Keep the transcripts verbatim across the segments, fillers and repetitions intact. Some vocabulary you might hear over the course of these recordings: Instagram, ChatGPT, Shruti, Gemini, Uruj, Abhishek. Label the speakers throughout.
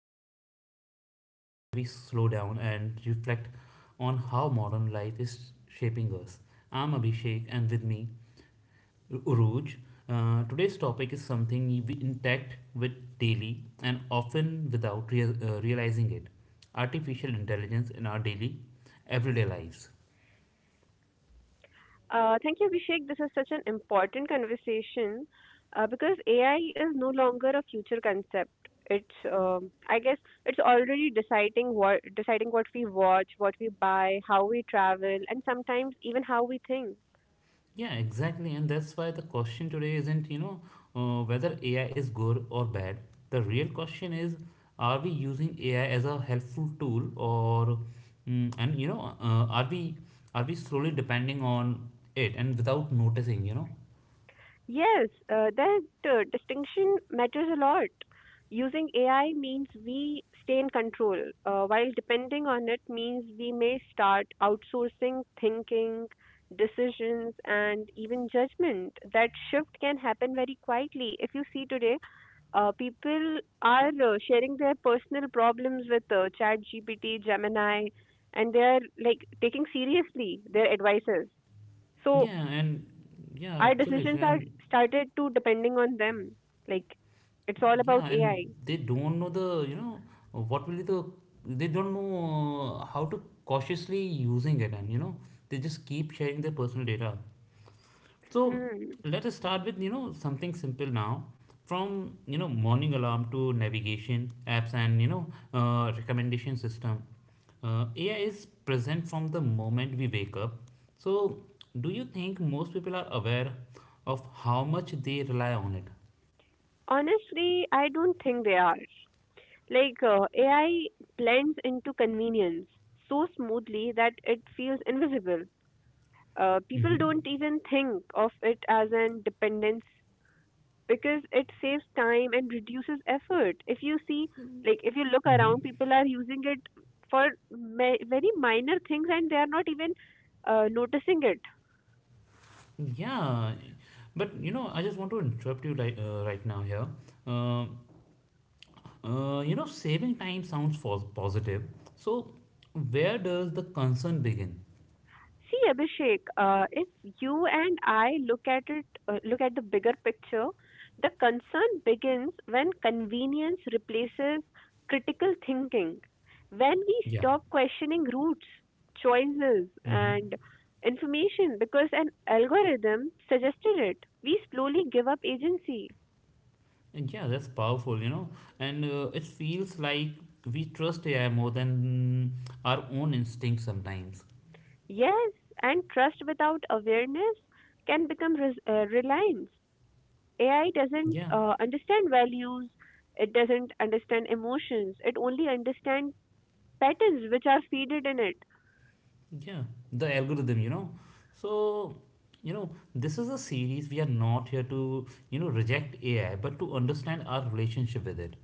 Speaker 1: Uh, this is the space where we slow down and reflect on how modern life is shaping us. I'm Abhishek, and with me, Uruj. Uh, today's topic is something we interact with daily and often without real, uh, realizing it artificial intelligence in our daily, everyday lives.
Speaker 2: Uh, thank you, Abhishek. This is such an important conversation uh, because A I is no longer a future concept. It's, um I guess, it's already deciding what deciding what we watch, what we buy, how we travel, and sometimes even how we think.
Speaker 1: Yeah, exactly. And that's why the question today isn't, you know, uh, whether A I is good or bad. The real question is, are we using A I as a helpful tool or, mm, and you know, uh, are we are we slowly depending on it and without noticing, you know?
Speaker 2: Yes, uh, that uh, distinction matters a lot. Using A I means we stay in control, uh, while depending on it means we may start outsourcing thinking, decisions, and even judgment. That shift can happen very quietly. If you see today, uh, people are uh, sharing their personal problems with uh, ChatGPT, Gemini, and they are like taking seriously their advices. So
Speaker 1: Yeah, and yeah,
Speaker 2: our decisions
Speaker 1: absolutely.
Speaker 2: are
Speaker 1: And
Speaker 2: started to depending on them. Like it's all
Speaker 1: yeah,
Speaker 2: about
Speaker 1: and
Speaker 2: A I.
Speaker 1: they don't know the, you know, what will be the, they don't know uh, how to cautiously using it, and you know, they just keep sharing their personal data. So
Speaker 2: Hmm.
Speaker 1: let us start with you know something simple now. From you know morning alarm to navigation apps and you know uh, recommendation system, uh, A I is present from the moment we wake up. So do you think most people are aware of how much they rely on it?
Speaker 2: Honestly, I don't think they are. Like uh, A I blends into convenience so smoothly that it feels invisible. Uh, people
Speaker 1: Mm-hmm.
Speaker 2: don't even think of it as an dependence because it saves time and reduces effort. If you see, like, if you look
Speaker 1: Mm-hmm.
Speaker 2: around, people are using it for ma- very minor things and they are not even uh, noticing it.
Speaker 1: Yeah, but you know I just want to interrupt you right, uh, right now here. Um Uh, you know, saving time sounds pos- positive. So, where does the concern begin?
Speaker 2: See, Abhishek, uh, if you and I look at it, uh, look at the bigger picture. The concern begins when convenience replaces critical thinking, when we
Speaker 1: Yeah.
Speaker 2: stop questioning routes, choices,
Speaker 1: Mm-hmm.
Speaker 2: and information because an algorithm suggested it. We slowly give up agency.
Speaker 1: And yeah, that's powerful, you know. And uh, it feels like we trust A I more than our own instinct sometimes.
Speaker 2: Yes, and trust without awareness can become res- uh, reliance. A I doesn't
Speaker 1: Yeah.
Speaker 2: uh, understand values, it doesn't understand emotions, it only understands patterns which are feeded in it.
Speaker 1: Yeah. The algorithm, you know. So, you know, this is a series. We are not here to, you know, reject A I, but to understand our relationship with it.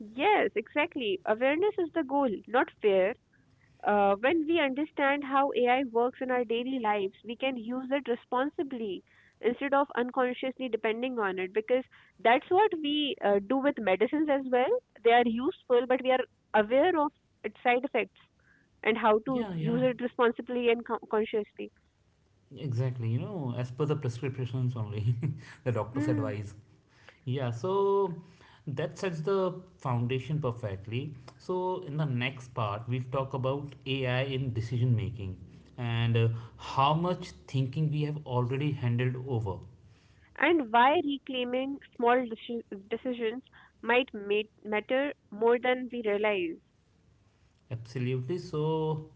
Speaker 2: Yes, exactly. Awareness is the goal, not fear. Uh, when we understand how A I works in our daily lives, we can use it responsibly instead of unconsciously depending on it, because that's what we uh, do with medicines as well. They are useful, but we are aware of its side effects and how to
Speaker 1: Yeah,
Speaker 2: use
Speaker 1: yeah,
Speaker 2: it responsibly and co- consciously.
Speaker 1: exactly. You know, as per the prescriptions only, the doctor's
Speaker 2: Hmm.
Speaker 1: advice. Yeah, so that sets the foundation perfectly. So, in the next part, we'll talk about A I in decision making and uh, how much thinking we have already handled over.
Speaker 2: And why reclaiming small deci- decisions might ma- matter more than we realize.
Speaker 1: Absolutely. So,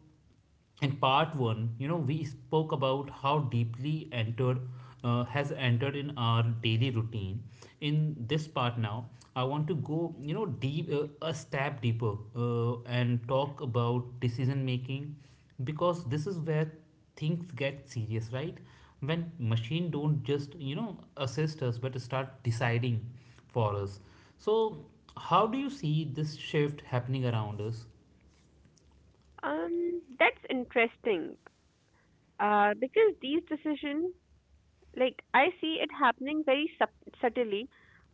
Speaker 1: in part one, you know, we spoke about how deeply entered uh, has entered in our daily routine. In this part now, I want to go, you know, deep uh, a step deeper uh, and talk about decision making because this is where things get serious, right? When machine don't just you know assist us but start deciding for us. So, how do you see this shift happening around us?
Speaker 2: Um, that's interesting. Uh, because these decisions, like, I see it happening very sub- subtly,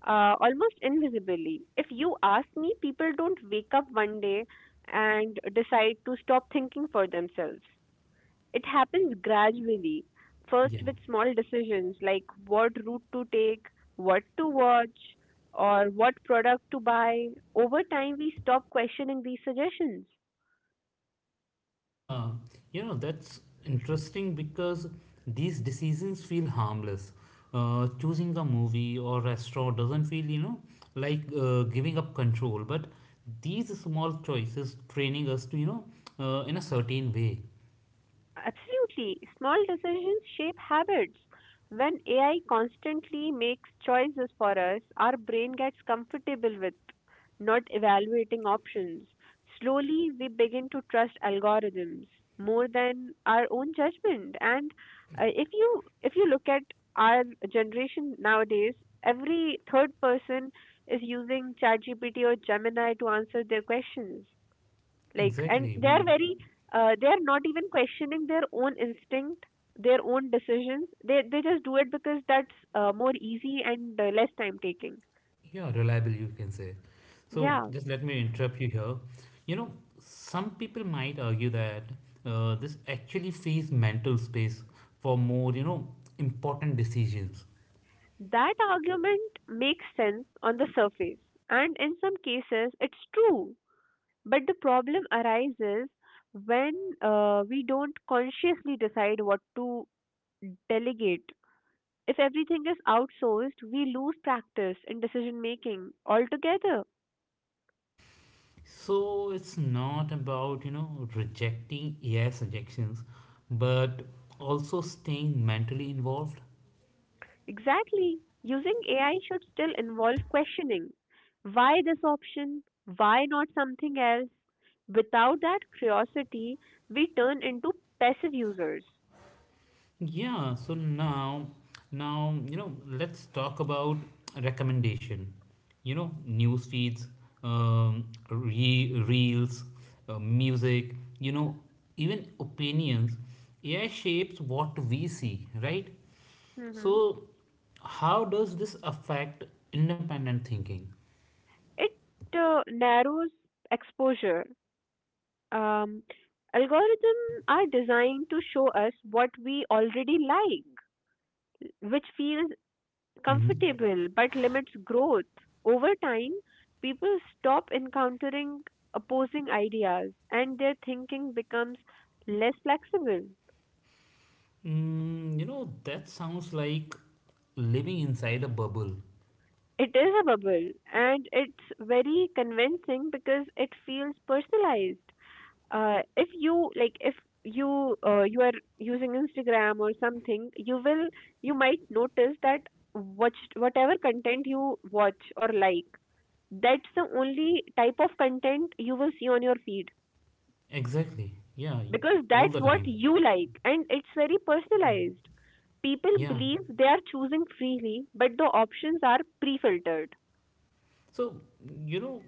Speaker 2: uh, almost invisibly. If you ask me, people don't wake up one day and decide to stop thinking for themselves. It happens gradually, first
Speaker 1: Yeah.
Speaker 2: with small decisions like what route to take, what to watch, or what product to buy. Over time, we stop questioning these suggestions.
Speaker 1: Yeah, you know, that's interesting because these decisions feel harmless. Uh, choosing a movie or restaurant doesn't feel, you know, like uh, giving up control. But these small choices training us to, you know, uh, in a certain way.
Speaker 2: Absolutely. Small decisions shape habits. When A I constantly makes choices for us, our brain gets comfortable with not evaluating options. Slowly, we begin to trust algorithms more than our own judgment. And uh, if you if you look at our generation nowadays, every third person is using ChatGPT or Gemini to answer their questions, like, and
Speaker 1: Exactly.
Speaker 2: they're
Speaker 1: We,
Speaker 2: very uh, they're not even questioning their own instinct, their own decisions. They they just do it because that's uh, more easy and uh, less time taking.
Speaker 1: yeah, reliable, you can say. So
Speaker 2: Yeah,
Speaker 1: just let me interrupt you here. You know, some people might argue that uh, this actually frees mental space for more, you know, important decisions.
Speaker 2: that argument makes sense on the surface, and in some cases it's true, but the problem arises when uh, we don't consciously decide what to delegate. If everything is outsourced, we lose practice in decision making altogether.
Speaker 1: So it's not about, you know, rejecting A I suggestions, but also staying mentally involved.
Speaker 2: Exactly. Using A I should still involve questioning why this option, why not something else. Without that curiosity, we turn into passive users.
Speaker 1: Yeah, so now now, you know, let's talk about recommendation. You know, news feeds, um, re- reels, uh, music, you know, even opinions. A I shapes what we see, right?
Speaker 2: Hmm
Speaker 1: So how does this affect independent thinking?
Speaker 2: It uh, narrows exposure. Um,
Speaker 1: Yeah.
Speaker 2: algorithms are designed to show us what we already like, which feels
Speaker 1: Mm-hmm.
Speaker 2: comfortable but limits growth. Over time, people stop encountering opposing ideas and their thinking becomes less flexible.
Speaker 1: Mm, you know, that sounds like living inside a bubble.
Speaker 2: It is a bubble and it's very convincing because it feels personalized. Uh, if you like, if you uh, you are using Instagram or something, you will, you might notice that what whatever content you watch or like, that's the only type of content you will see on your feed,
Speaker 1: Exactly. Yeah,
Speaker 2: because
Speaker 1: all
Speaker 2: that's
Speaker 1: the
Speaker 2: what
Speaker 1: time.
Speaker 2: you like and it's very personalized. People
Speaker 1: Yeah.
Speaker 2: believe they are choosing freely, but the options are pre filtered.
Speaker 1: So, you know,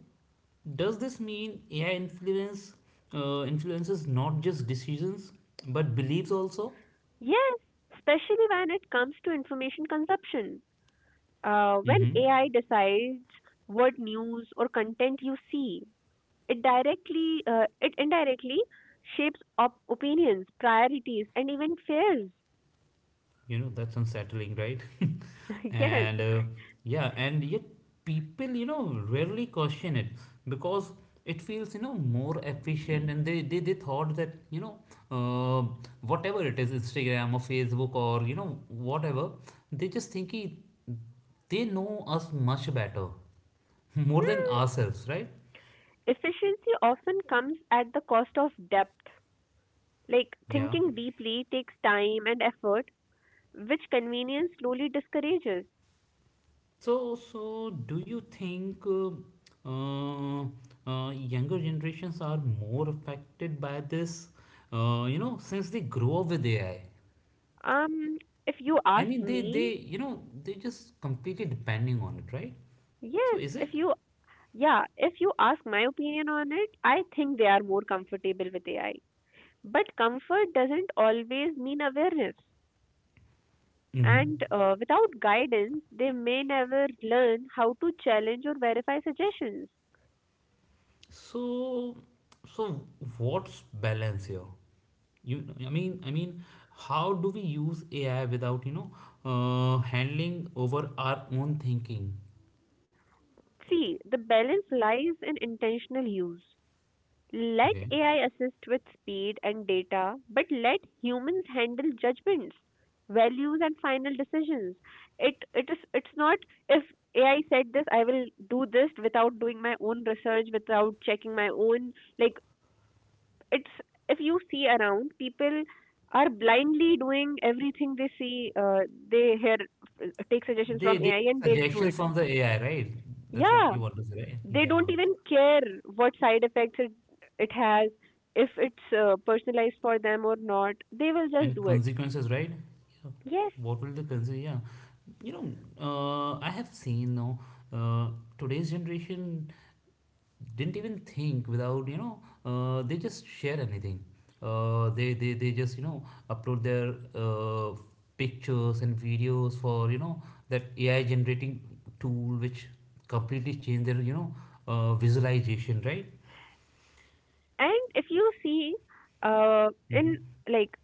Speaker 1: does this mean A I influence uh, influences not just decisions but beliefs also?
Speaker 2: Yes, especially when it comes to information consumption. Uh, when A I decides what news or content you see, it directly, uh, it indirectly shapes op- opinions, priorities, and even fears.
Speaker 1: You know that's unsettling, right?
Speaker 2: yes.
Speaker 1: And uh, yeah, and yet people you know rarely question it because it feels you know more efficient, and they they, they thought that you know uh, whatever it is Instagram or Facebook or you know whatever, they just think he, they know us much better more than ourselves, right?
Speaker 2: Efficiency often comes at the cost of depth. Like,
Speaker 1: Yeah.
Speaker 2: thinking deeply takes time and effort, which convenience slowly discourages.
Speaker 1: So, so do you think uh, uh, uh, younger generations are more affected by this? Uh, you know, since they grow up with A I,
Speaker 2: Um, if you
Speaker 1: I I
Speaker 2: ask
Speaker 1: mean, they they
Speaker 2: me,
Speaker 1: you know they just completely depending on it, right? So
Speaker 2: yes,
Speaker 1: is
Speaker 2: if
Speaker 1: it?
Speaker 2: you, yeah, if you ask my opinion on it, I think they are more comfortable with A I. But comfort doesn't always mean awareness.
Speaker 1: Mm-hmm.
Speaker 2: And uh, without guidance, they may never learn how to challenge or verify suggestions.
Speaker 1: So, so what's balance here? You, I mean, I mean, how do we use A I without you know uh, handling over our own thinking?
Speaker 2: See, the balance lies in intentional use. Let
Speaker 1: Okay.
Speaker 2: A I assist with speed and data, but let humans handle judgments, values, and final decisions. It it is it's not if A I said this, I will do this without doing my own research, without checking my own, like, it's, if you see around, people are blindly doing everything they see, uh, they hear, uh, take suggestions
Speaker 1: They
Speaker 2: from
Speaker 1: they
Speaker 2: A I and
Speaker 1: get
Speaker 2: they do it.
Speaker 1: suggestions from the A I, right? That's what
Speaker 2: Yeah,
Speaker 1: you want to say, right?
Speaker 2: they
Speaker 1: Yeah.
Speaker 2: don't even care what side effects it it has, if it's uh, personalized for them or not, they will just
Speaker 1: And
Speaker 2: do it.
Speaker 1: consequences, right? Yeah.
Speaker 2: Yes,
Speaker 1: What will the consequence? Yeah. You know, uh, I have seen now uh, today's generation didn't even think without you know uh, they just share anything. Uh, they, they they just you know upload their uh, pictures and videos for you know that A I generating tool which completely change their you know uh, visualization, right?
Speaker 2: and if you see uh, in like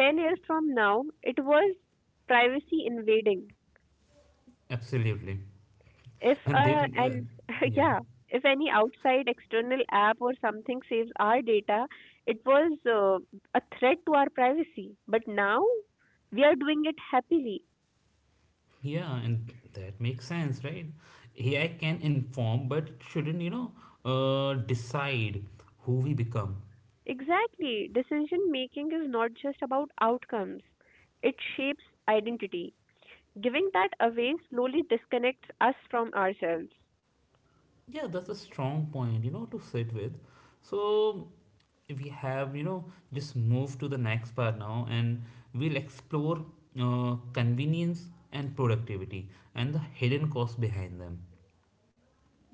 Speaker 2: ten years from now, it was privacy invading.
Speaker 1: Absolutely.
Speaker 2: If
Speaker 1: And
Speaker 2: uh
Speaker 1: then, uh,
Speaker 2: and
Speaker 1: yeah,
Speaker 2: yeah, if any outside external app or something saves our data, it was uh, a threat to our privacy, but now we are doing it happily.
Speaker 1: yeah, and that makes sense, right? A I can inform, but shouldn't, you know, uh, decide who we become.
Speaker 2: Exactly. Decision making is not just about outcomes, it shapes identity. Giving that away slowly disconnects us from ourselves,
Speaker 1: Yeah, that's a strong point, you know, to sit with. So we have, you know, just move to the next part now, and we'll explore uh, convenience and productivity and the hidden cost behind them.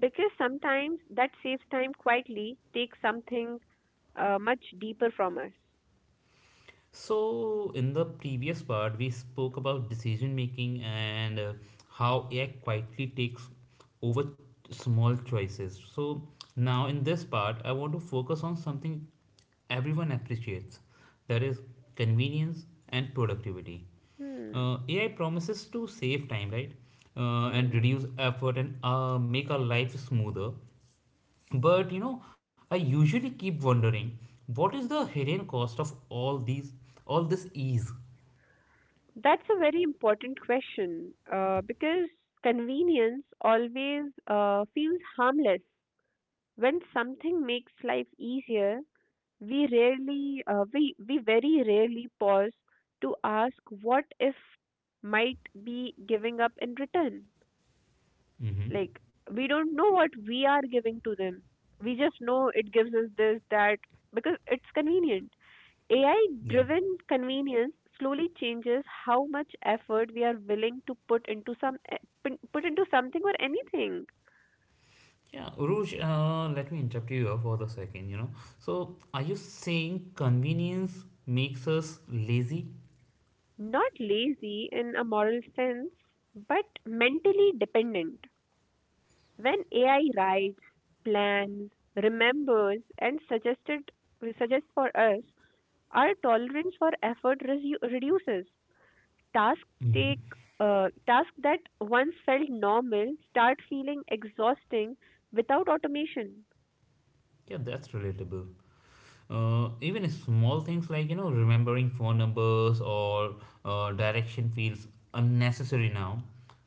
Speaker 2: because sometimes that saves time quietly takes something uh, much deeper from us.
Speaker 1: So, in the previous part, we spoke about decision making and uh, how A I quietly takes over small choices. So, now in this part, I want to focus on something everyone appreciates, that is, convenience and productivity.
Speaker 2: Hmm.
Speaker 1: Uh, A I promises to save time, right? Uh, and
Speaker 2: Hmm.
Speaker 1: reduce effort and uh, make our life smoother. But you know, I usually keep wondering what is the hidden cost of all these, all this ease?
Speaker 2: That's a very important question uh, because convenience always uh, feels harmless. When something makes life easier, we rarely uh, we we very rarely pause to ask what if might be giving up in return.
Speaker 1: Mm-hmm.
Speaker 2: Like, we don't know what we are giving to them, we just know it gives us this that, because it's convenient. AI
Speaker 1: Yeah.
Speaker 2: driven convenience slowly changes how much effort we are willing to put into some eh, put put into something or anything.
Speaker 1: Yeah, Uruj, uh, let me interrupt you for the second, you know. So, are you saying convenience makes us lazy?
Speaker 2: Not lazy in a moral sense, but mentally dependent. When A I writes, plans, remembers, and suggested, suggests for us, our tolerance for effort resu- reduces. Tasks
Speaker 1: Mm-hmm.
Speaker 2: take uh, tasks that once felt normal start feeling exhausting without automation.
Speaker 1: Yeah, that's relatable. Uh, even small things like, you know, remembering phone numbers or uh, direction feels unnecessary now.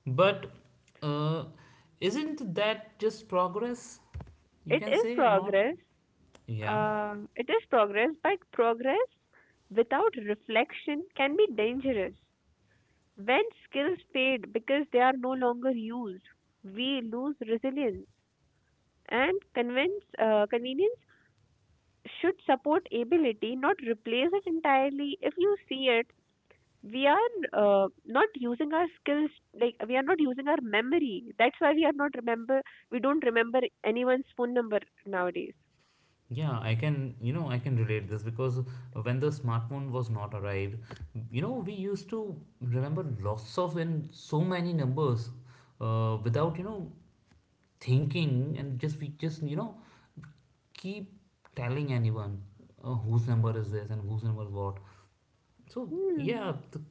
Speaker 1: But uh, isn't that just progress? You
Speaker 2: It
Speaker 1: can
Speaker 2: is
Speaker 1: say or not.
Speaker 2: progress.
Speaker 1: Yeah,
Speaker 2: Uh, it is progress, but progress without reflection can be dangerous. When skills fade because they are no longer used, we lose resilience. And convince, uh, convenience should support ability, not replace it entirely. If you see it, we are uh, not using our skills, like we are not using our memory. That's why we are not remember. We don't remember anyone's phone number nowadays.
Speaker 1: yeah, I can, you know, I can relate this because when the smartphone was not arrived, you know, we used to remember lots of and so many numbers uh, without, you know, thinking and just we just, you know, keep telling anyone uh, whose number is this and whose number is what. So, yeah,
Speaker 2: Hmm.
Speaker 1: the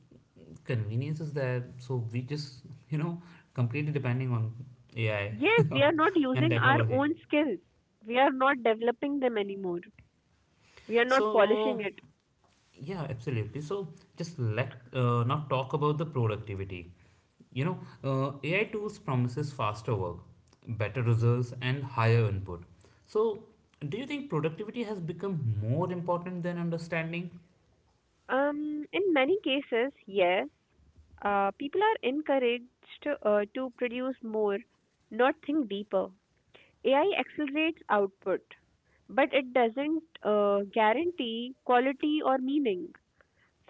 Speaker 1: convenience is there. So, we just, you know, completely depending on A I
Speaker 2: Yes, we are not
Speaker 1: and
Speaker 2: using our
Speaker 1: technology.
Speaker 2: own skills. We are not developing them anymore. We are not
Speaker 1: So,
Speaker 2: polishing it.
Speaker 1: yeah, absolutely. So just let uh, not talk about the productivity. You know, uh, A I tools promises faster work, better results, and higher input. So, do you think productivity has become more important than understanding?
Speaker 2: Um, in many cases, yes. Uh, people are encouraged uh, to produce more, not think deeper. A I accelerates output, but it doesn't uh, guarantee quality or meaning.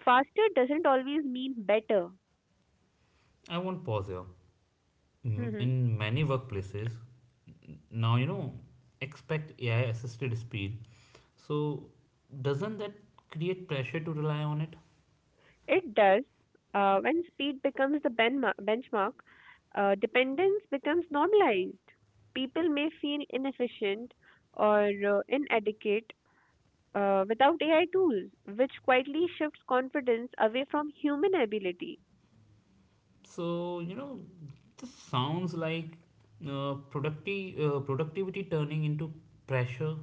Speaker 2: Faster doesn't always mean better.
Speaker 1: I won't pause here. M-
Speaker 2: Hmm
Speaker 1: In many workplaces, n- now you know, expect A I assisted speed. So, doesn't that create pressure to rely on it?
Speaker 2: It does. Uh, when speed becomes the benma- benchmark, uh, dependence becomes normalized. People may feel inefficient or uh, inadequate uh, without A I tools, which quietly shifts confidence away from human ability.
Speaker 1: So, you know, this sounds like uh, producti- uh, productivity turning into pressure.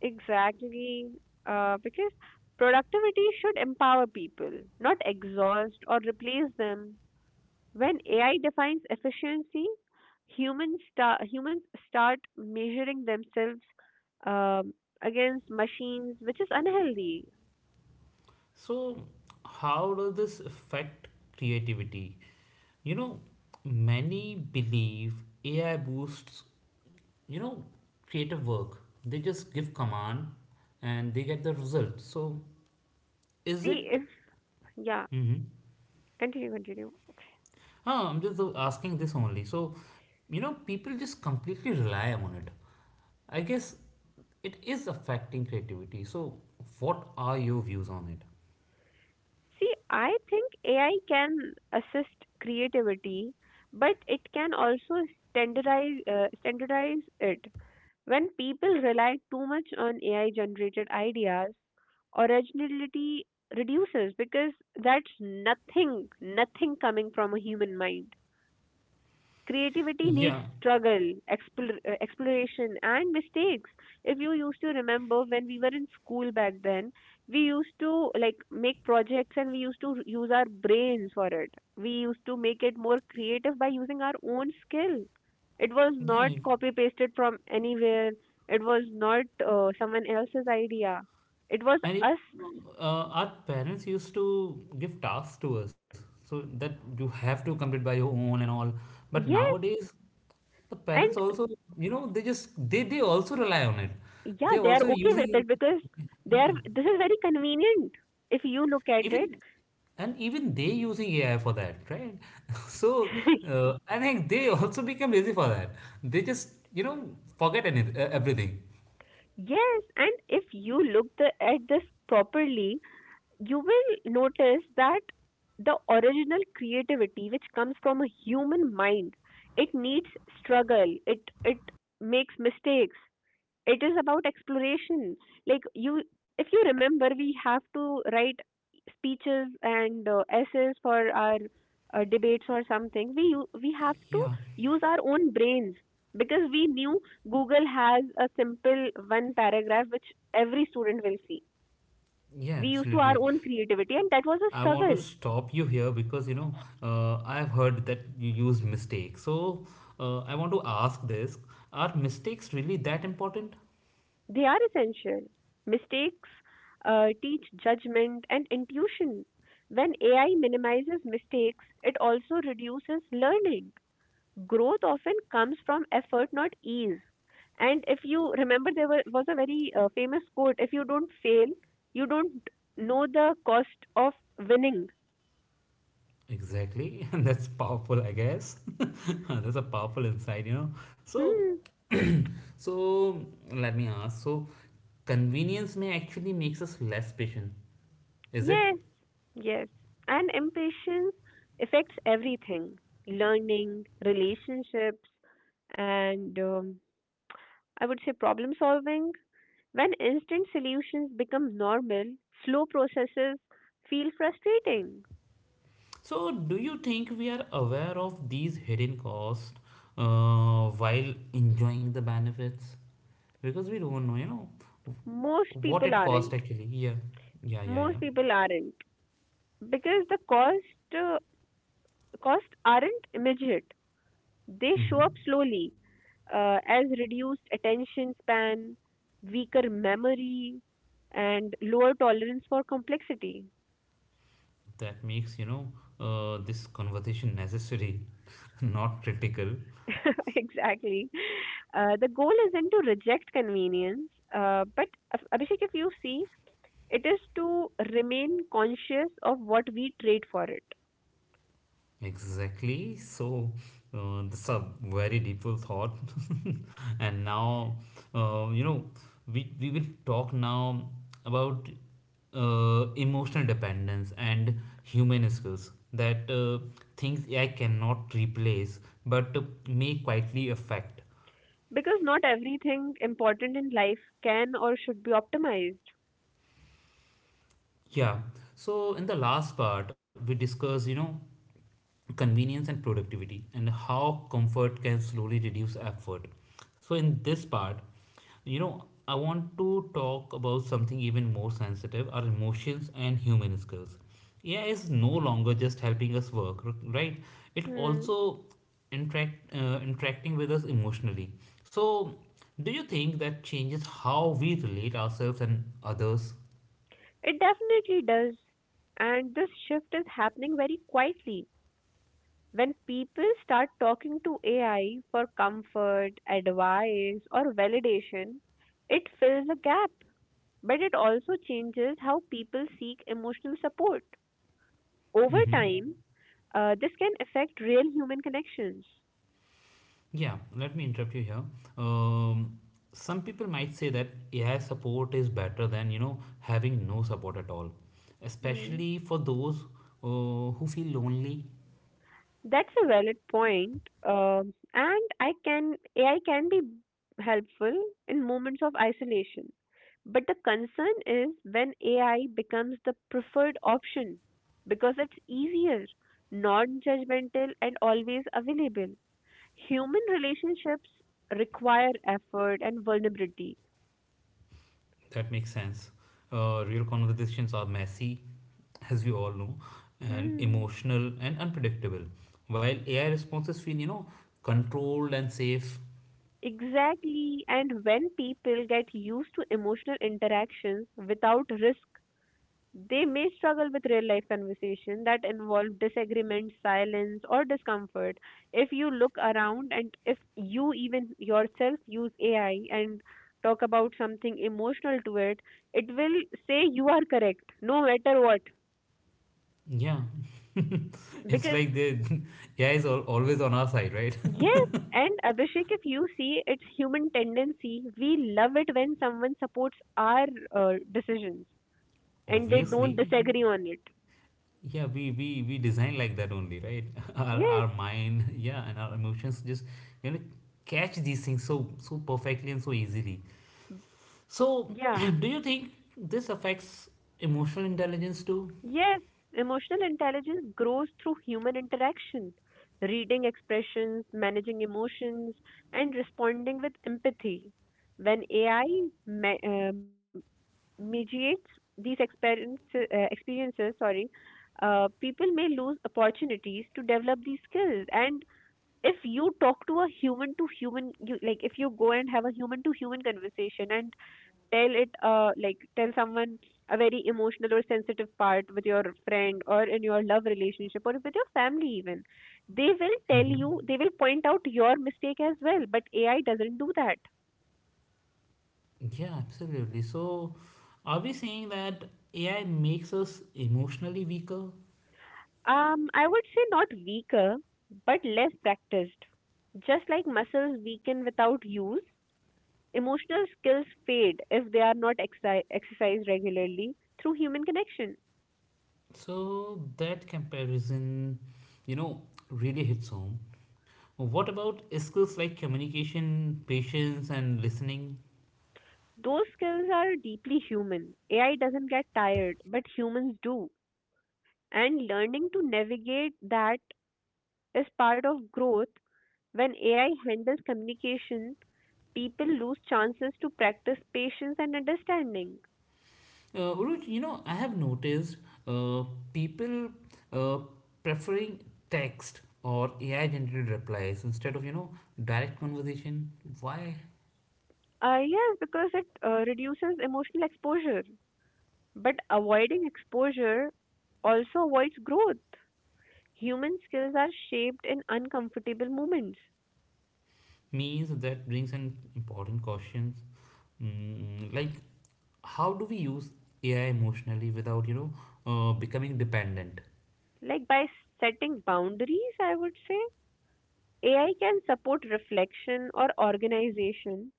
Speaker 2: Exactly, uh, because productivity should empower people, not exhaust or replace them. When A I defines efficiency, humans start humans start measuring themselves um, against machines, which is unhealthy.
Speaker 1: So, how does this affect creativity? You know, many believe A I boosts, you know, creative work. They just give command and they get the result. So, is
Speaker 2: See
Speaker 1: it?
Speaker 2: if, yeah,
Speaker 1: Mhm.
Speaker 2: continue, continue.
Speaker 1: Ah, I'm just uh, asking this only. So, you know, people just completely rely on it. I guess it is affecting creativity. So, what are your views on it?
Speaker 2: See, I think A I can assist creativity, but it can also standardize, uh, standardize it. When people rely too much on A I generated ideas, originality reduces because that's nothing, nothing coming from a human mind. Creativity needs
Speaker 1: Yeah,
Speaker 2: struggle, explor- uh, exploration, and mistakes. If you used to remember, when we were in school back then, we used to like make projects and we used to r- use our brains for it. We used to make it more creative by using our own skill. It was
Speaker 1: yeah.
Speaker 2: not
Speaker 1: I-
Speaker 2: copy pasted from anywhere. It was not uh, someone else's idea. It was
Speaker 1: And it,
Speaker 2: us.
Speaker 1: uh, our parents used to give tasks to us so that you have to complete by your own and all. But
Speaker 2: Yes,
Speaker 1: nowadays, the
Speaker 2: and
Speaker 1: parents also, you know, they just they they also rely on it.
Speaker 2: yeah,
Speaker 1: They're
Speaker 2: they are
Speaker 1: also
Speaker 2: okay with
Speaker 1: using,
Speaker 2: it because they are.
Speaker 1: yeah.
Speaker 2: This is very convenient if you look at it.
Speaker 1: Even and even they using A I for that, right? So uh, I think they also become lazy for that. They just you know forget any uh, everything.
Speaker 2: Yes, and if you look the, at this properly, you will notice that the original creativity which comes from a human mind, it needs struggle, it it makes mistakes, it is about exploration. Like, you, if you remember, we have to write speeches and uh, essays for our uh, debates or something, we u- we have to
Speaker 1: Yeah,
Speaker 2: use our own brains because we knew google has a simple one paragraph which every student will see.
Speaker 1: yeah,
Speaker 2: We used to our
Speaker 1: absolutely.
Speaker 2: own creativity and that was a
Speaker 1: I want to
Speaker 2: struggle.
Speaker 1: stop you here because you know uh, I've heard that you use mistakes. So uh, I want to ask this: Are mistakes really that important?
Speaker 2: They are essential. Mistakes uh, teach judgment and intuition. When A I minimizes mistakes, it also reduces learning. Growth often comes from effort, not ease. And if you remember, there were, was a very uh, famous quote, if you don't fail, you don't know the cost of winning.
Speaker 1: Exactly, and that's powerful, I guess. That's a powerful insight, you know. So
Speaker 2: Hmm.
Speaker 1: So let me ask. So convenience may actually makes us less patient, is it?
Speaker 2: Yes, yes. And impatience affects everything, learning, relationships, and um, I would say problem solving. When instant solutions become normal, slow processes feel frustrating.
Speaker 1: So do you think we are aware of these hidden costs uh, while enjoying the benefits? Because we don't know, you know,
Speaker 2: Most
Speaker 1: what
Speaker 2: people
Speaker 1: it cost
Speaker 2: aren't.
Speaker 1: actually. Yeah, yeah, yeah,
Speaker 2: Most
Speaker 1: yeah.
Speaker 2: people aren't because the cost uh, costs aren't immediate. They show
Speaker 1: Mm-hmm.
Speaker 2: up slowly uh, as reduced attention span, weaker memory, and lower tolerance for complexity.
Speaker 1: That makes you know uh, this conversation necessary, not critical.
Speaker 2: Exactly. Uh, the goal isn't to reject convenience, uh, but Ab- Abhishek, if you see, it is to remain conscious of what we trade for it,
Speaker 1: Exactly. So uh, that's a very deeper thought. And now, uh, you know, we, we will talk now about uh, emotional dependence and human skills that uh, things I cannot replace but may quietly affect.
Speaker 2: because not everything important in life can or should be optimized.
Speaker 1: Yeah. So in the last part, we discussed, you know, convenience and productivity and how comfort can slowly reduce effort. So in this part, you know, I want to talk about something even more sensitive, our emotions and human skills. A I is no longer just helping us work, r- right? It
Speaker 2: Hmm.
Speaker 1: also interact uh, interacting with us emotionally. So, do you think that changes how we relate ourselves and others?
Speaker 2: It definitely does, and this shift is happening very quietly. When people start talking to AI for comfort, advice, or validation, it fills a gap, but it also changes how people seek emotional support over
Speaker 1: Mm-hmm.
Speaker 2: time. Uh, this can affect real human connections.
Speaker 1: Yeah, let me interrupt you here. Um, some people might say that A I support is better than you know having no support at all,
Speaker 2: Mm.
Speaker 1: especially for those uh, who feel lonely.
Speaker 2: That's a valid point, um, and I can A I can be helpful in moments of isolation. But the concern is when A I becomes the preferred option because it's easier, non-judgmental, and always available. Human relationships require effort and vulnerability.
Speaker 1: That makes sense. Uh, real conversations are messy, as we all know, and
Speaker 2: Hmm.
Speaker 1: emotional and unpredictable, while A I responses feel you know controlled and safe.
Speaker 2: Exactly, and when people get used to emotional interactions without risk, they may struggle with real life conversation that involve disagreement, silence, or discomfort. If you look around, and if you even yourself use A I and talk about something emotional to it, it will say you are correct no matter what.
Speaker 1: Yeah, it's
Speaker 2: Because,
Speaker 1: like the A I is al- always on our side, right?
Speaker 2: yes, and Abhishek, if you see, it's human tendency: we love it when someone supports our uh, decisions and they don't
Speaker 1: Obviously,
Speaker 2: disagree on it.
Speaker 1: yeah we we we design like that only, right. our,
Speaker 2: Yes,
Speaker 1: our mind yeah, and our emotions just you know catch these things so so perfectly and so easily. So
Speaker 2: yeah.
Speaker 1: do you think this affects emotional intelligence too?
Speaker 2: Yes, emotional intelligence grows through human interaction, reading expressions, managing emotions, and responding with empathy. When A I me- uh, medi- mediates these experience, uh, experiences, sorry, uh, people may lose opportunities to develop these skills. And if you talk to a human to human, you like if you go and have a human to human conversation and tell it uh, like tell someone a very emotional or sensitive part with your friend or in your love relationship or with your family even, they will tell
Speaker 1: Hmm,
Speaker 2: you, they will point out your mistake as well, but AI doesn't do that.
Speaker 1: yeah, absolutely. So are we saying that AI makes us emotionally weaker?
Speaker 2: um I would say not weaker but less practiced. Just like muscles weaken without use, emotional skills fade if they are not exci- exercised regularly through human connection.
Speaker 1: So that comparison, you know, really hits home. What about skills like communication, patience and listening?
Speaker 2: Those skills are deeply human. AI doesn't get tired, but humans do, and learning to navigate that is part of growth. When A I handles communication, people lose chances to practice patience and understanding.
Speaker 1: Uh, Uruj, you know, I have noticed uh, people uh, preferring text or A I generated replies instead of, you know, direct conversation. Why?
Speaker 2: Uh, yes, because it uh, reduces emotional exposure. But avoiding exposure also avoids growth. Human skills are shaped in uncomfortable moments.
Speaker 1: Means that brings an important questions. Mm, like, how do we use A I emotionally without, you know, uh, becoming dependent?
Speaker 2: Like by setting boundaries, I would say A I can support reflection or organization,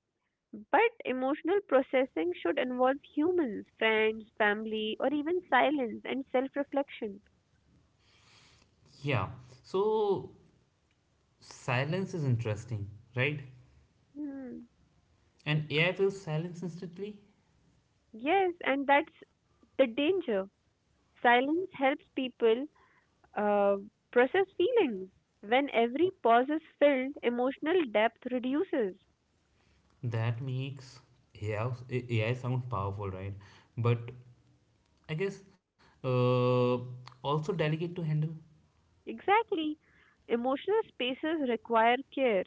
Speaker 2: but emotional processing should involve humans, friends, family, or even silence and self reflection.
Speaker 1: Yeah. So, silence is interesting, right?
Speaker 2: Hmm.
Speaker 1: And A I fills silence instantly.
Speaker 2: Yes, and that's the danger. Silence helps people uh, process feelings. When every pause is filled, emotional depth reduces.
Speaker 1: That makes A I, A I sound powerful, right? But I guess uh, also delegate to handle.
Speaker 2: Exactly. Emotional spaces require care.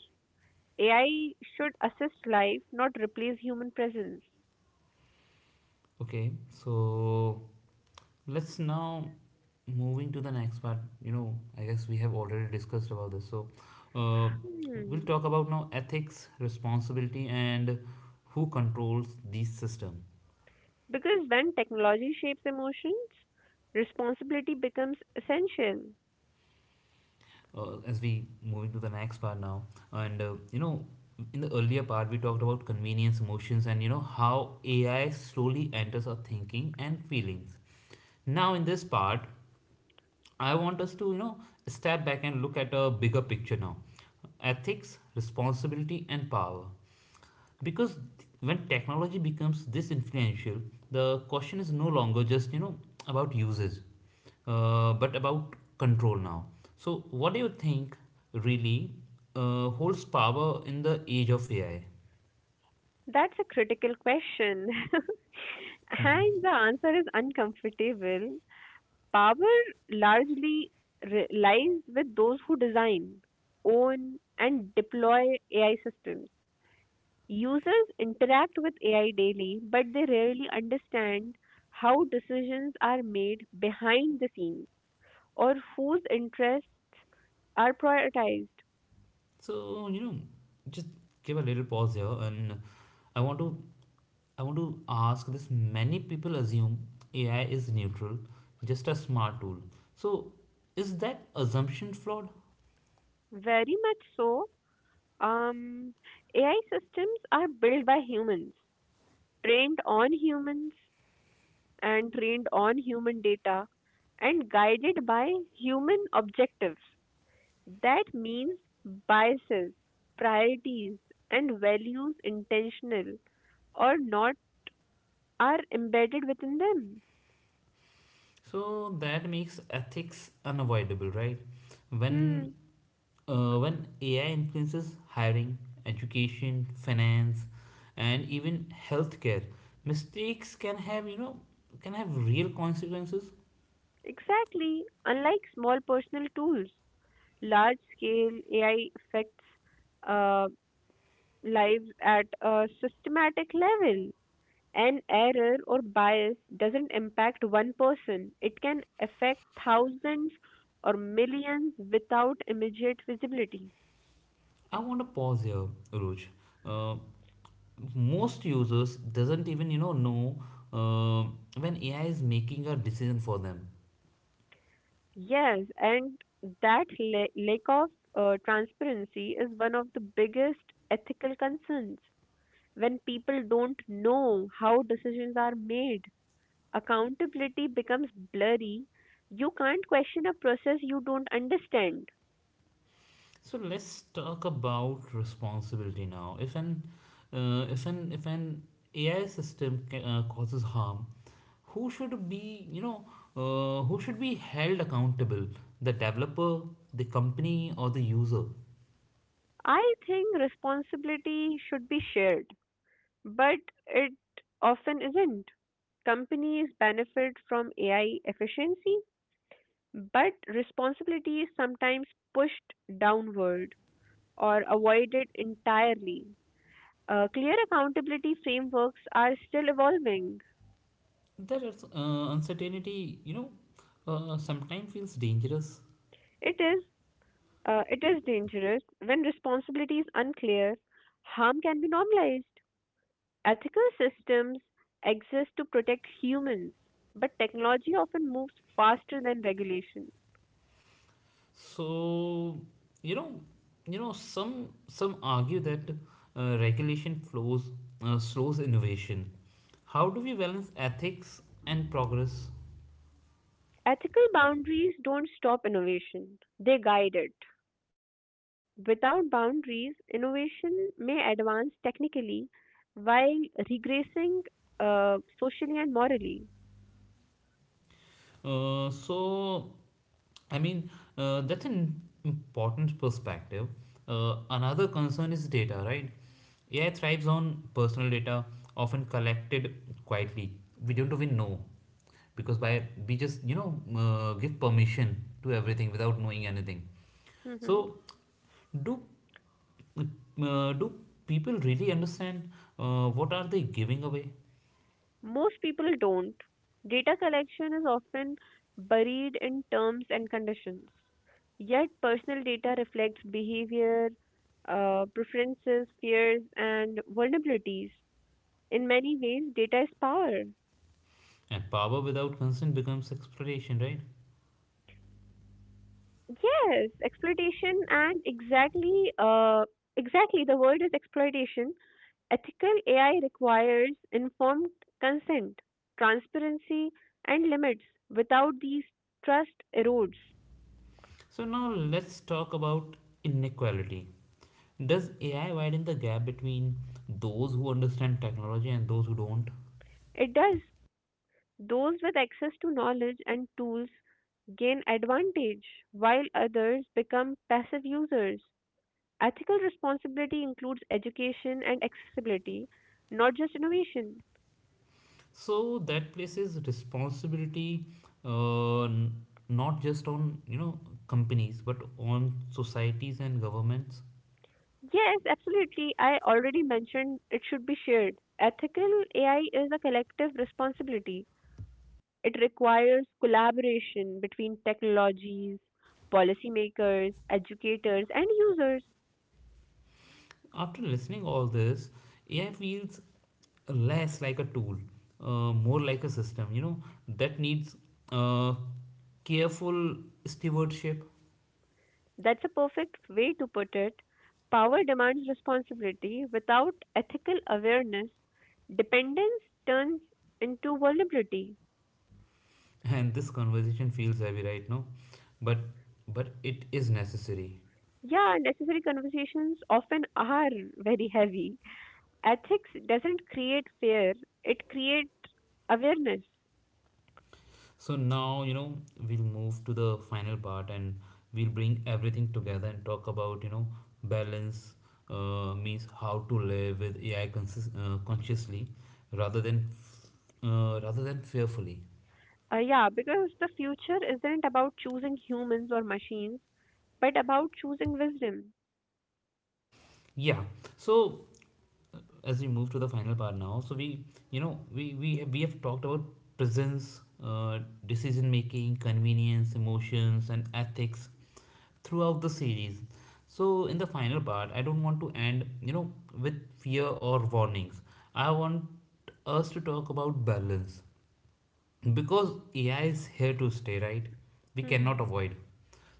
Speaker 2: A I should assist life, not replace human presence.
Speaker 1: Okay, so let's now moving to the next part. You know, I guess we have already discussed about this. So uh, we'll
Speaker 2: Hmm.
Speaker 1: talk about now ethics, responsibility, and who controls these system.
Speaker 2: Because when technology shapes emotions, responsibility becomes essential.
Speaker 1: Uh, as we moving to the next part now, and uh, you know in the earlier part we talked about convenience, emotions, and you know, how AI slowly enters our thinking and feelings. Now in this part, I want us to, you know, step back and look at a bigger picture now. Ethics, responsibility and power, because when technology becomes this influential, the question is no longer just, you know, about usage, uh, but about control now. So what do you think really uh, holds power in the age of AI?
Speaker 2: That's a critical question. And the answer is uncomfortable. Power largely re- lies with those who design, own, and deploy A I systems. Users interact with A I daily, but they rarely understand how decisions are made behind the scenes or whose interests are prioritized.
Speaker 1: So, you know, just give a little pause here, and i want to i want to ask this. Many people assume AI is neutral, just a smart tool. So is that assumption flawed?
Speaker 2: Very much so. Um, A I systems are built by humans, trained on humans, and trained on human data, and guided by human objectives. That means biases, priorities, and values, intentional or not, are embedded within them.
Speaker 1: So that makes ethics unavoidable, right? When
Speaker 2: Hmm.
Speaker 1: uh, when A I influences hiring, education, finance, and even healthcare, mistakes can have, you know, can have real consequences.
Speaker 2: Exactly. Unlike small personal tools, large scale A I affects uh, lives at a systematic level. An error or bias doesn't impact one person, it can affect thousands or millions without immediate visibility.
Speaker 1: I want to pause here, Ruj. Uh, Most users doesn't even, you know know uh, when A I is making a decision for them.
Speaker 2: Yes, and that la- lack of uh, transparency is one of the biggest ethical concerns. When people don't know how decisions are made, accountability becomes blurry. You can't question a process you don't understand.
Speaker 1: So let's talk about responsibility now. If an uh, if an if an A I system ca- uh, causes harm, who should be, you know, uh, who should be held accountable? The developer, the company, or the user?
Speaker 2: I think responsibility should be shared, but it often isn't. Companies benefit from A I efficiency, but responsibility is sometimes pushed downward or avoided entirely. Uh, clear accountability frameworks are still evolving.
Speaker 1: There is uh, uncertainty. You know, uh, sometimes feels dangerous.
Speaker 2: It is uh, it is dangerous when responsibility is unclear. Harm can be normalized. Ethical systems exist to protect humans, but technology often moves faster than regulation.
Speaker 1: So, you know, you know, some some argue that uh, regulation flows uh, slows innovation. How do we balance ethics and progress?
Speaker 2: Ethical boundaries don't stop innovation, they guide it. Without boundaries, innovation may advance technically while regressing uh, socially and morally.
Speaker 1: Uh, so, I mean, uh, that's an important perspective. Uh, another concern is data, right? A I thrives on personal data, often collected quietly. We don't even know, because by we just, you know, uh, give permission to everything without knowing anything.
Speaker 2: Mhm.
Speaker 1: So, do uh, do people really understand uh, what are they giving away?
Speaker 2: Most people don't. Data collection is often buried in terms and conditions. Yet, personal data reflects behavior, uh, preferences, fears, and vulnerabilities. In many ways, data is power.
Speaker 1: And power without consent becomes exploitation, right?
Speaker 2: Yes, exploitation, and exactly, uh, exactly, the word is exploitation. Ethical A I requires informed consent, transparency, and limits. Without these, trust erodes.
Speaker 1: So now let's talk about inequality. Does A I widen the gap between those who understand technology and those who don't?
Speaker 2: It does. Those with access to knowledge and tools gain advantage, while others become passive users. Ethical responsibility includes education and accessibility, not just innovation.
Speaker 1: So that places responsibility, uh, not just on, you know, companies, but on societies and governments.
Speaker 2: Yes, absolutely. I already mentioned it should be shared. Ethical A I is a collective responsibility. It requires collaboration between technologies, policymakers, educators, and users.
Speaker 1: After listening all this, A I feels less like a tool, uh, more like a system. You know, that needs uh, careful stewardship.
Speaker 2: That's a perfect way to put it. Power demands responsibility. Without ethical awareness, dependence turns into vulnerability.
Speaker 1: And this conversation feels heavy right now, but but it is necessary.
Speaker 2: Yeah, necessary conversations often are very heavy. Ethics doesn't create fear, it creates awareness.
Speaker 1: So now, you know, we'll move to the final part, and we'll bring everything together and talk about, you know, balance, uh, means how to live with AI consist- uh, consciously, rather than uh, rather than fearfully.
Speaker 2: Uh, yeah, because the future isn't about choosing humans or machines, but about choosing wisdom.
Speaker 1: Yeah, so uh, as we move to the final part now, so we, you know, we we have, we have talked about presence, uh, decision making, convenience, emotions and ethics throughout the series. So in the final part, I don't want to end, you know, with fear or warnings. I want us to talk about balance, because A I is here to stay, right? We cannot
Speaker 2: Hmm.
Speaker 1: avoid.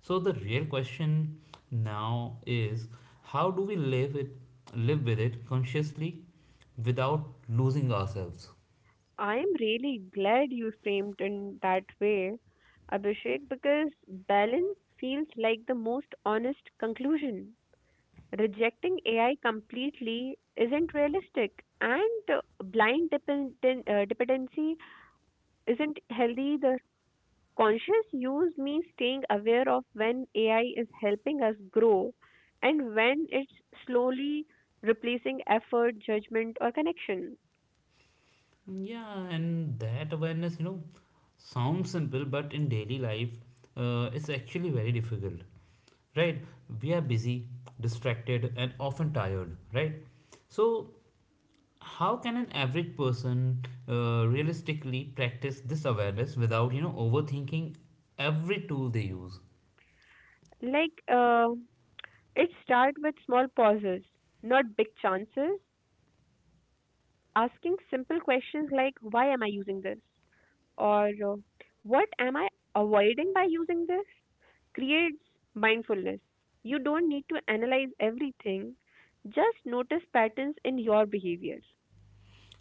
Speaker 1: So the real question now is, how do we live it live with it consciously without losing ourselves?
Speaker 2: I'm really glad you framed in that way, Abhishek, because balance feels like the most honest conclusion. Rejecting A I completely isn't realistic, and uh, blind dependen- uh, dependency isn't healthy either. Conscious use means staying aware of when A I is helping us grow and when it's slowly replacing effort, judgment, or connection.
Speaker 1: Yeah, and that awareness, you know, sounds simple, but in daily life, uh, it's actually very difficult, right? We are busy, distracted, and often tired, right? So how can an average person uh, realistically practice this awareness without, you know, overthinking every tool they use?
Speaker 2: Like uh, It starts with small pauses, not big chances. Asking simple questions like why am I using this, or uh, what am I avoiding by using this, creates mindfulness. You don't need to analyze everything, just notice patterns in your behavior.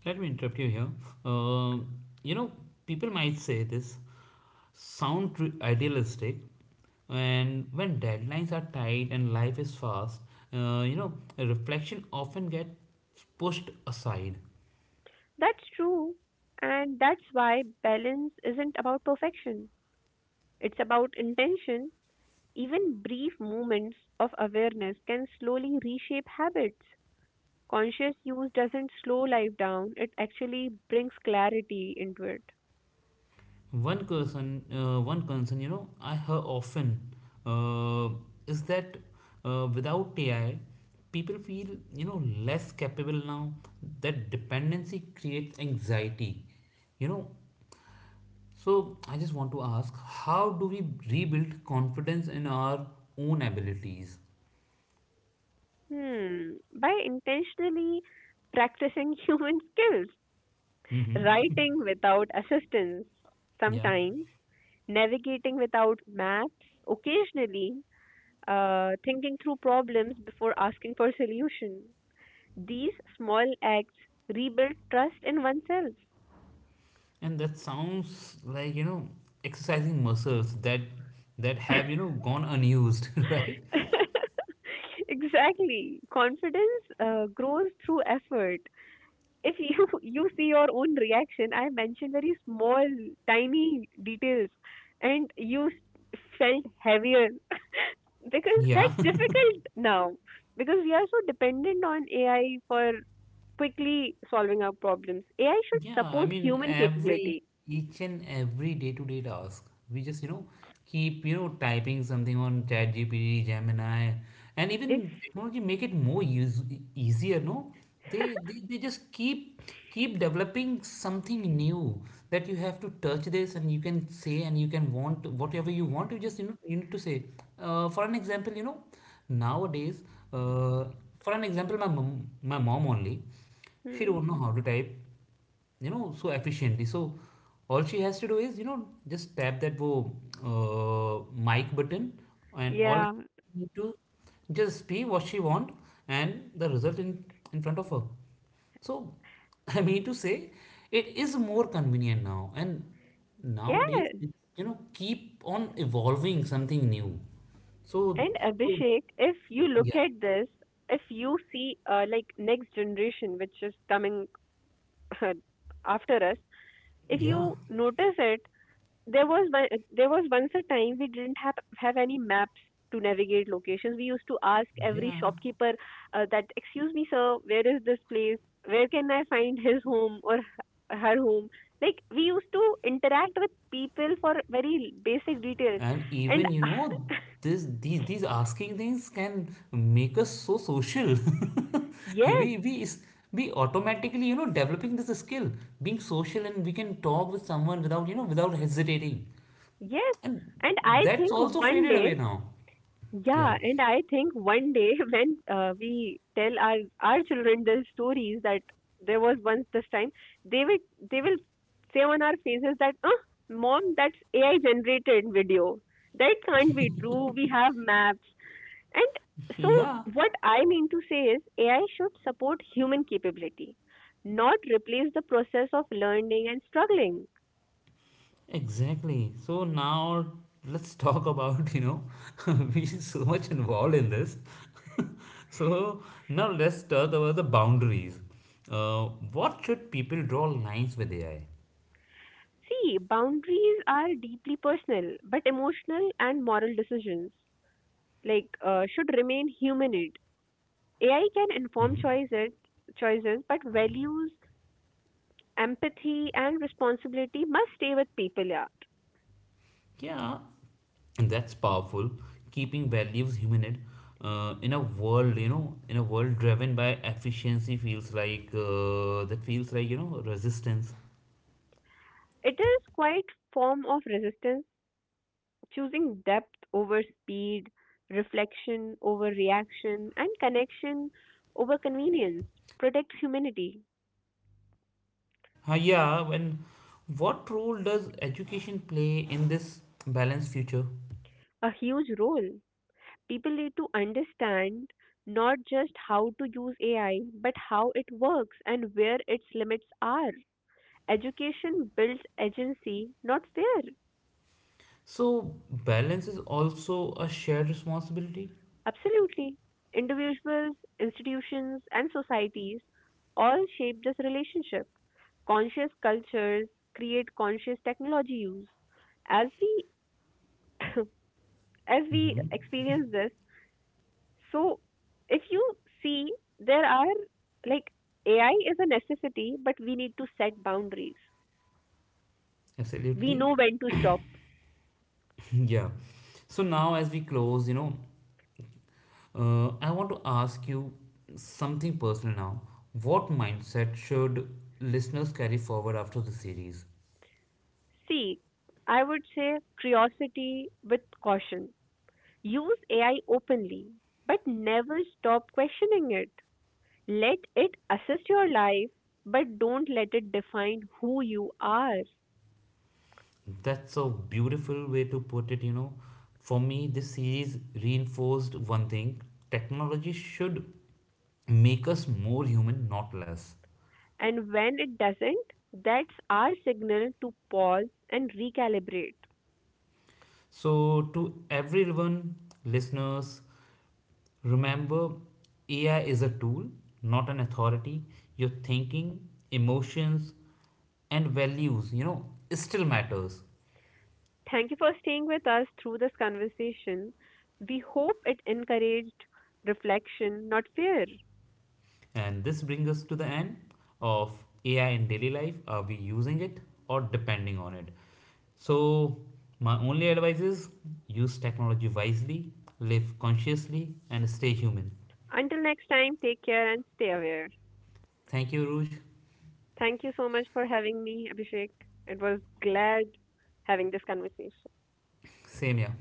Speaker 1: Let me interrupt you here. Um, you know, people might say this sound tr- idealistic, and when deadlines are tight and life is fast, uh, you know, reflection often gets pushed aside.
Speaker 2: That's true, and that's why balance isn't about perfection. It's about intention. Even brief moments of awareness can slowly reshape habits. Conscious use doesn't slow life down, it actually brings clarity into it.
Speaker 1: One concern, uh, one concern, you know, I hear often uh, is that, uh, without A I, people feel, you know, less capable now. That dependency creates anxiety, you know. So I just want to ask, how do we rebuild confidence in our own abilities?
Speaker 2: Hmm. By intentionally practicing human skills,
Speaker 1: Mm-hmm.
Speaker 2: writing without assistance
Speaker 1: Yeah,
Speaker 2: sometimes, navigating without maps occasionally, uh, thinking through problems before asking for solution. These small acts rebuild trust in oneself.
Speaker 1: and that sounds like, you know, exercising muscles that that have you know gone unused, right?
Speaker 2: Exactly. Confidence uh, grows through effort. If you you see your own reaction, I mentioned very small tiny details and you s- felt heavier because
Speaker 1: Yeah,
Speaker 2: that's difficult now, because we are so dependent on AI for quickly solving our problems. AI should
Speaker 1: Yeah, I
Speaker 2: support
Speaker 1: mean
Speaker 2: human
Speaker 1: every
Speaker 2: capability.
Speaker 1: each and every day-to-day task. We just, you know, keep, you know, typing something on chat G P T, Gemini, and
Speaker 2: If
Speaker 1: even technology make it more use e- easier, no? They, they they just keep keep developing something new, that you have to touch this and you can say and you can want whatever you want. You just, you know, you need to say. Uh, for an example, you know, nowadays, uh, for an example, my mom, my mom only, she
Speaker 2: hmm,
Speaker 1: don't know how to type, you know, so efficiently. So all she has to do is, you know, just tap that wo uh, mic button, and all
Speaker 2: yeah
Speaker 1: she need to just speak what she want, and the result in in front of her. So I mean to say, it is more convenient now, and nowadays
Speaker 2: Yes,
Speaker 1: it, you know, keep on evolving something new. so,
Speaker 2: and
Speaker 1: so
Speaker 2: Abhishek, if you look
Speaker 1: yeah.
Speaker 2: at this, if you see, uh, like, next generation, which is coming after us, if
Speaker 1: yeah
Speaker 2: you notice it, there was one, there was once a time we didn't have have any maps to navigate locations. We used to ask every
Speaker 1: yeah
Speaker 2: shopkeeper uh, that, "Excuse me, sir, where is this place? Where can I find his home or h- her home?" Like, we used to interact with people for very basic details,
Speaker 1: and
Speaker 2: and
Speaker 1: even, you know, this these these asking things can make us so social.
Speaker 2: yes,
Speaker 1: we we is we automatically, you know, developing this skill, being social, and we can talk with someone without, you know, without hesitating.
Speaker 2: yes,
Speaker 1: And
Speaker 2: and I
Speaker 1: that's
Speaker 2: think
Speaker 1: also
Speaker 2: one
Speaker 1: faded
Speaker 2: day.
Speaker 1: away now. Yeah.
Speaker 2: Yeah, and I think one day when uh, we tell our our children the stories that there was once this time, they will they will say on our faces that, "Uh, mom, that's A I generated video. That can't be true. We have maps." And so
Speaker 1: Yeah.
Speaker 2: what I mean to say is A I should support human capability, not replace the process of learning and struggling.
Speaker 1: Exactly. So now let's talk about, you know, we so much involved in this. So now let's talk about the boundaries. Uh, what should people draw lines with A I?
Speaker 2: See, boundaries are deeply personal, but emotional and moral decisions like uh, should remain humanoid. A I can
Speaker 1: Hmm.
Speaker 2: inform choices, choices, but values, empathy, and responsibility must stay with people. Yeah,
Speaker 1: Yeah, and that's powerful. Keeping values human uh, in a world, you know, in a world driven by efficiency feels like, uh, that feels like, you know, resistance.
Speaker 2: it is quite form of resistance, choosing depth over speed, reflection over reaction, and connection over convenience. Protect humanity.
Speaker 1: Uh, yeah, when what role does education play in this balanced future?
Speaker 2: A huge role. People need to understand not just how to use A I, but how it works and where its limits are. Education builds agency, not fear.
Speaker 1: So, balance is also a shared responsibility.
Speaker 2: Absolutely. Individuals, institutions, and societies all shape this relationship. Conscious cultures create conscious technology use. As we as we
Speaker 1: Mm-hmm.
Speaker 2: experience this, so if you see, there are, like, A I is a necessity, but we need to set boundaries. We
Speaker 1: Absolutely.
Speaker 2: know when to stop.
Speaker 1: Yeah. So, now as we close, you know, uh, I want to ask you something personal now. What mindset should listeners carry forward after the series?
Speaker 2: See, I would say curiosity with caution. Use A I openly, but never stop questioning it. Let it assist your life, but don't let it define who you are.
Speaker 1: That's a beautiful way to put it, you know. For me, this series reinforced one thing: technology should make us more human, not less.
Speaker 2: And when it doesn't, that's our signal to pause and recalibrate.
Speaker 1: So, to everyone, listeners, remember, A I is a tool, not an authority. Your thinking, emotions, and values, you know, still matters.
Speaker 2: Thank you for staying with us through this conversation. We hope it encouraged reflection, not fear.
Speaker 1: And this brings us to the end of A I in daily life. Are we using it or depending on it? So, my only advice is: use technology wisely, live consciously, and stay human.
Speaker 2: Until next time, take care and stay aware.
Speaker 1: Thank you, Ruj.
Speaker 2: Thank you so much for having me, Abhishek. It was glad having this conversation.
Speaker 1: Same here.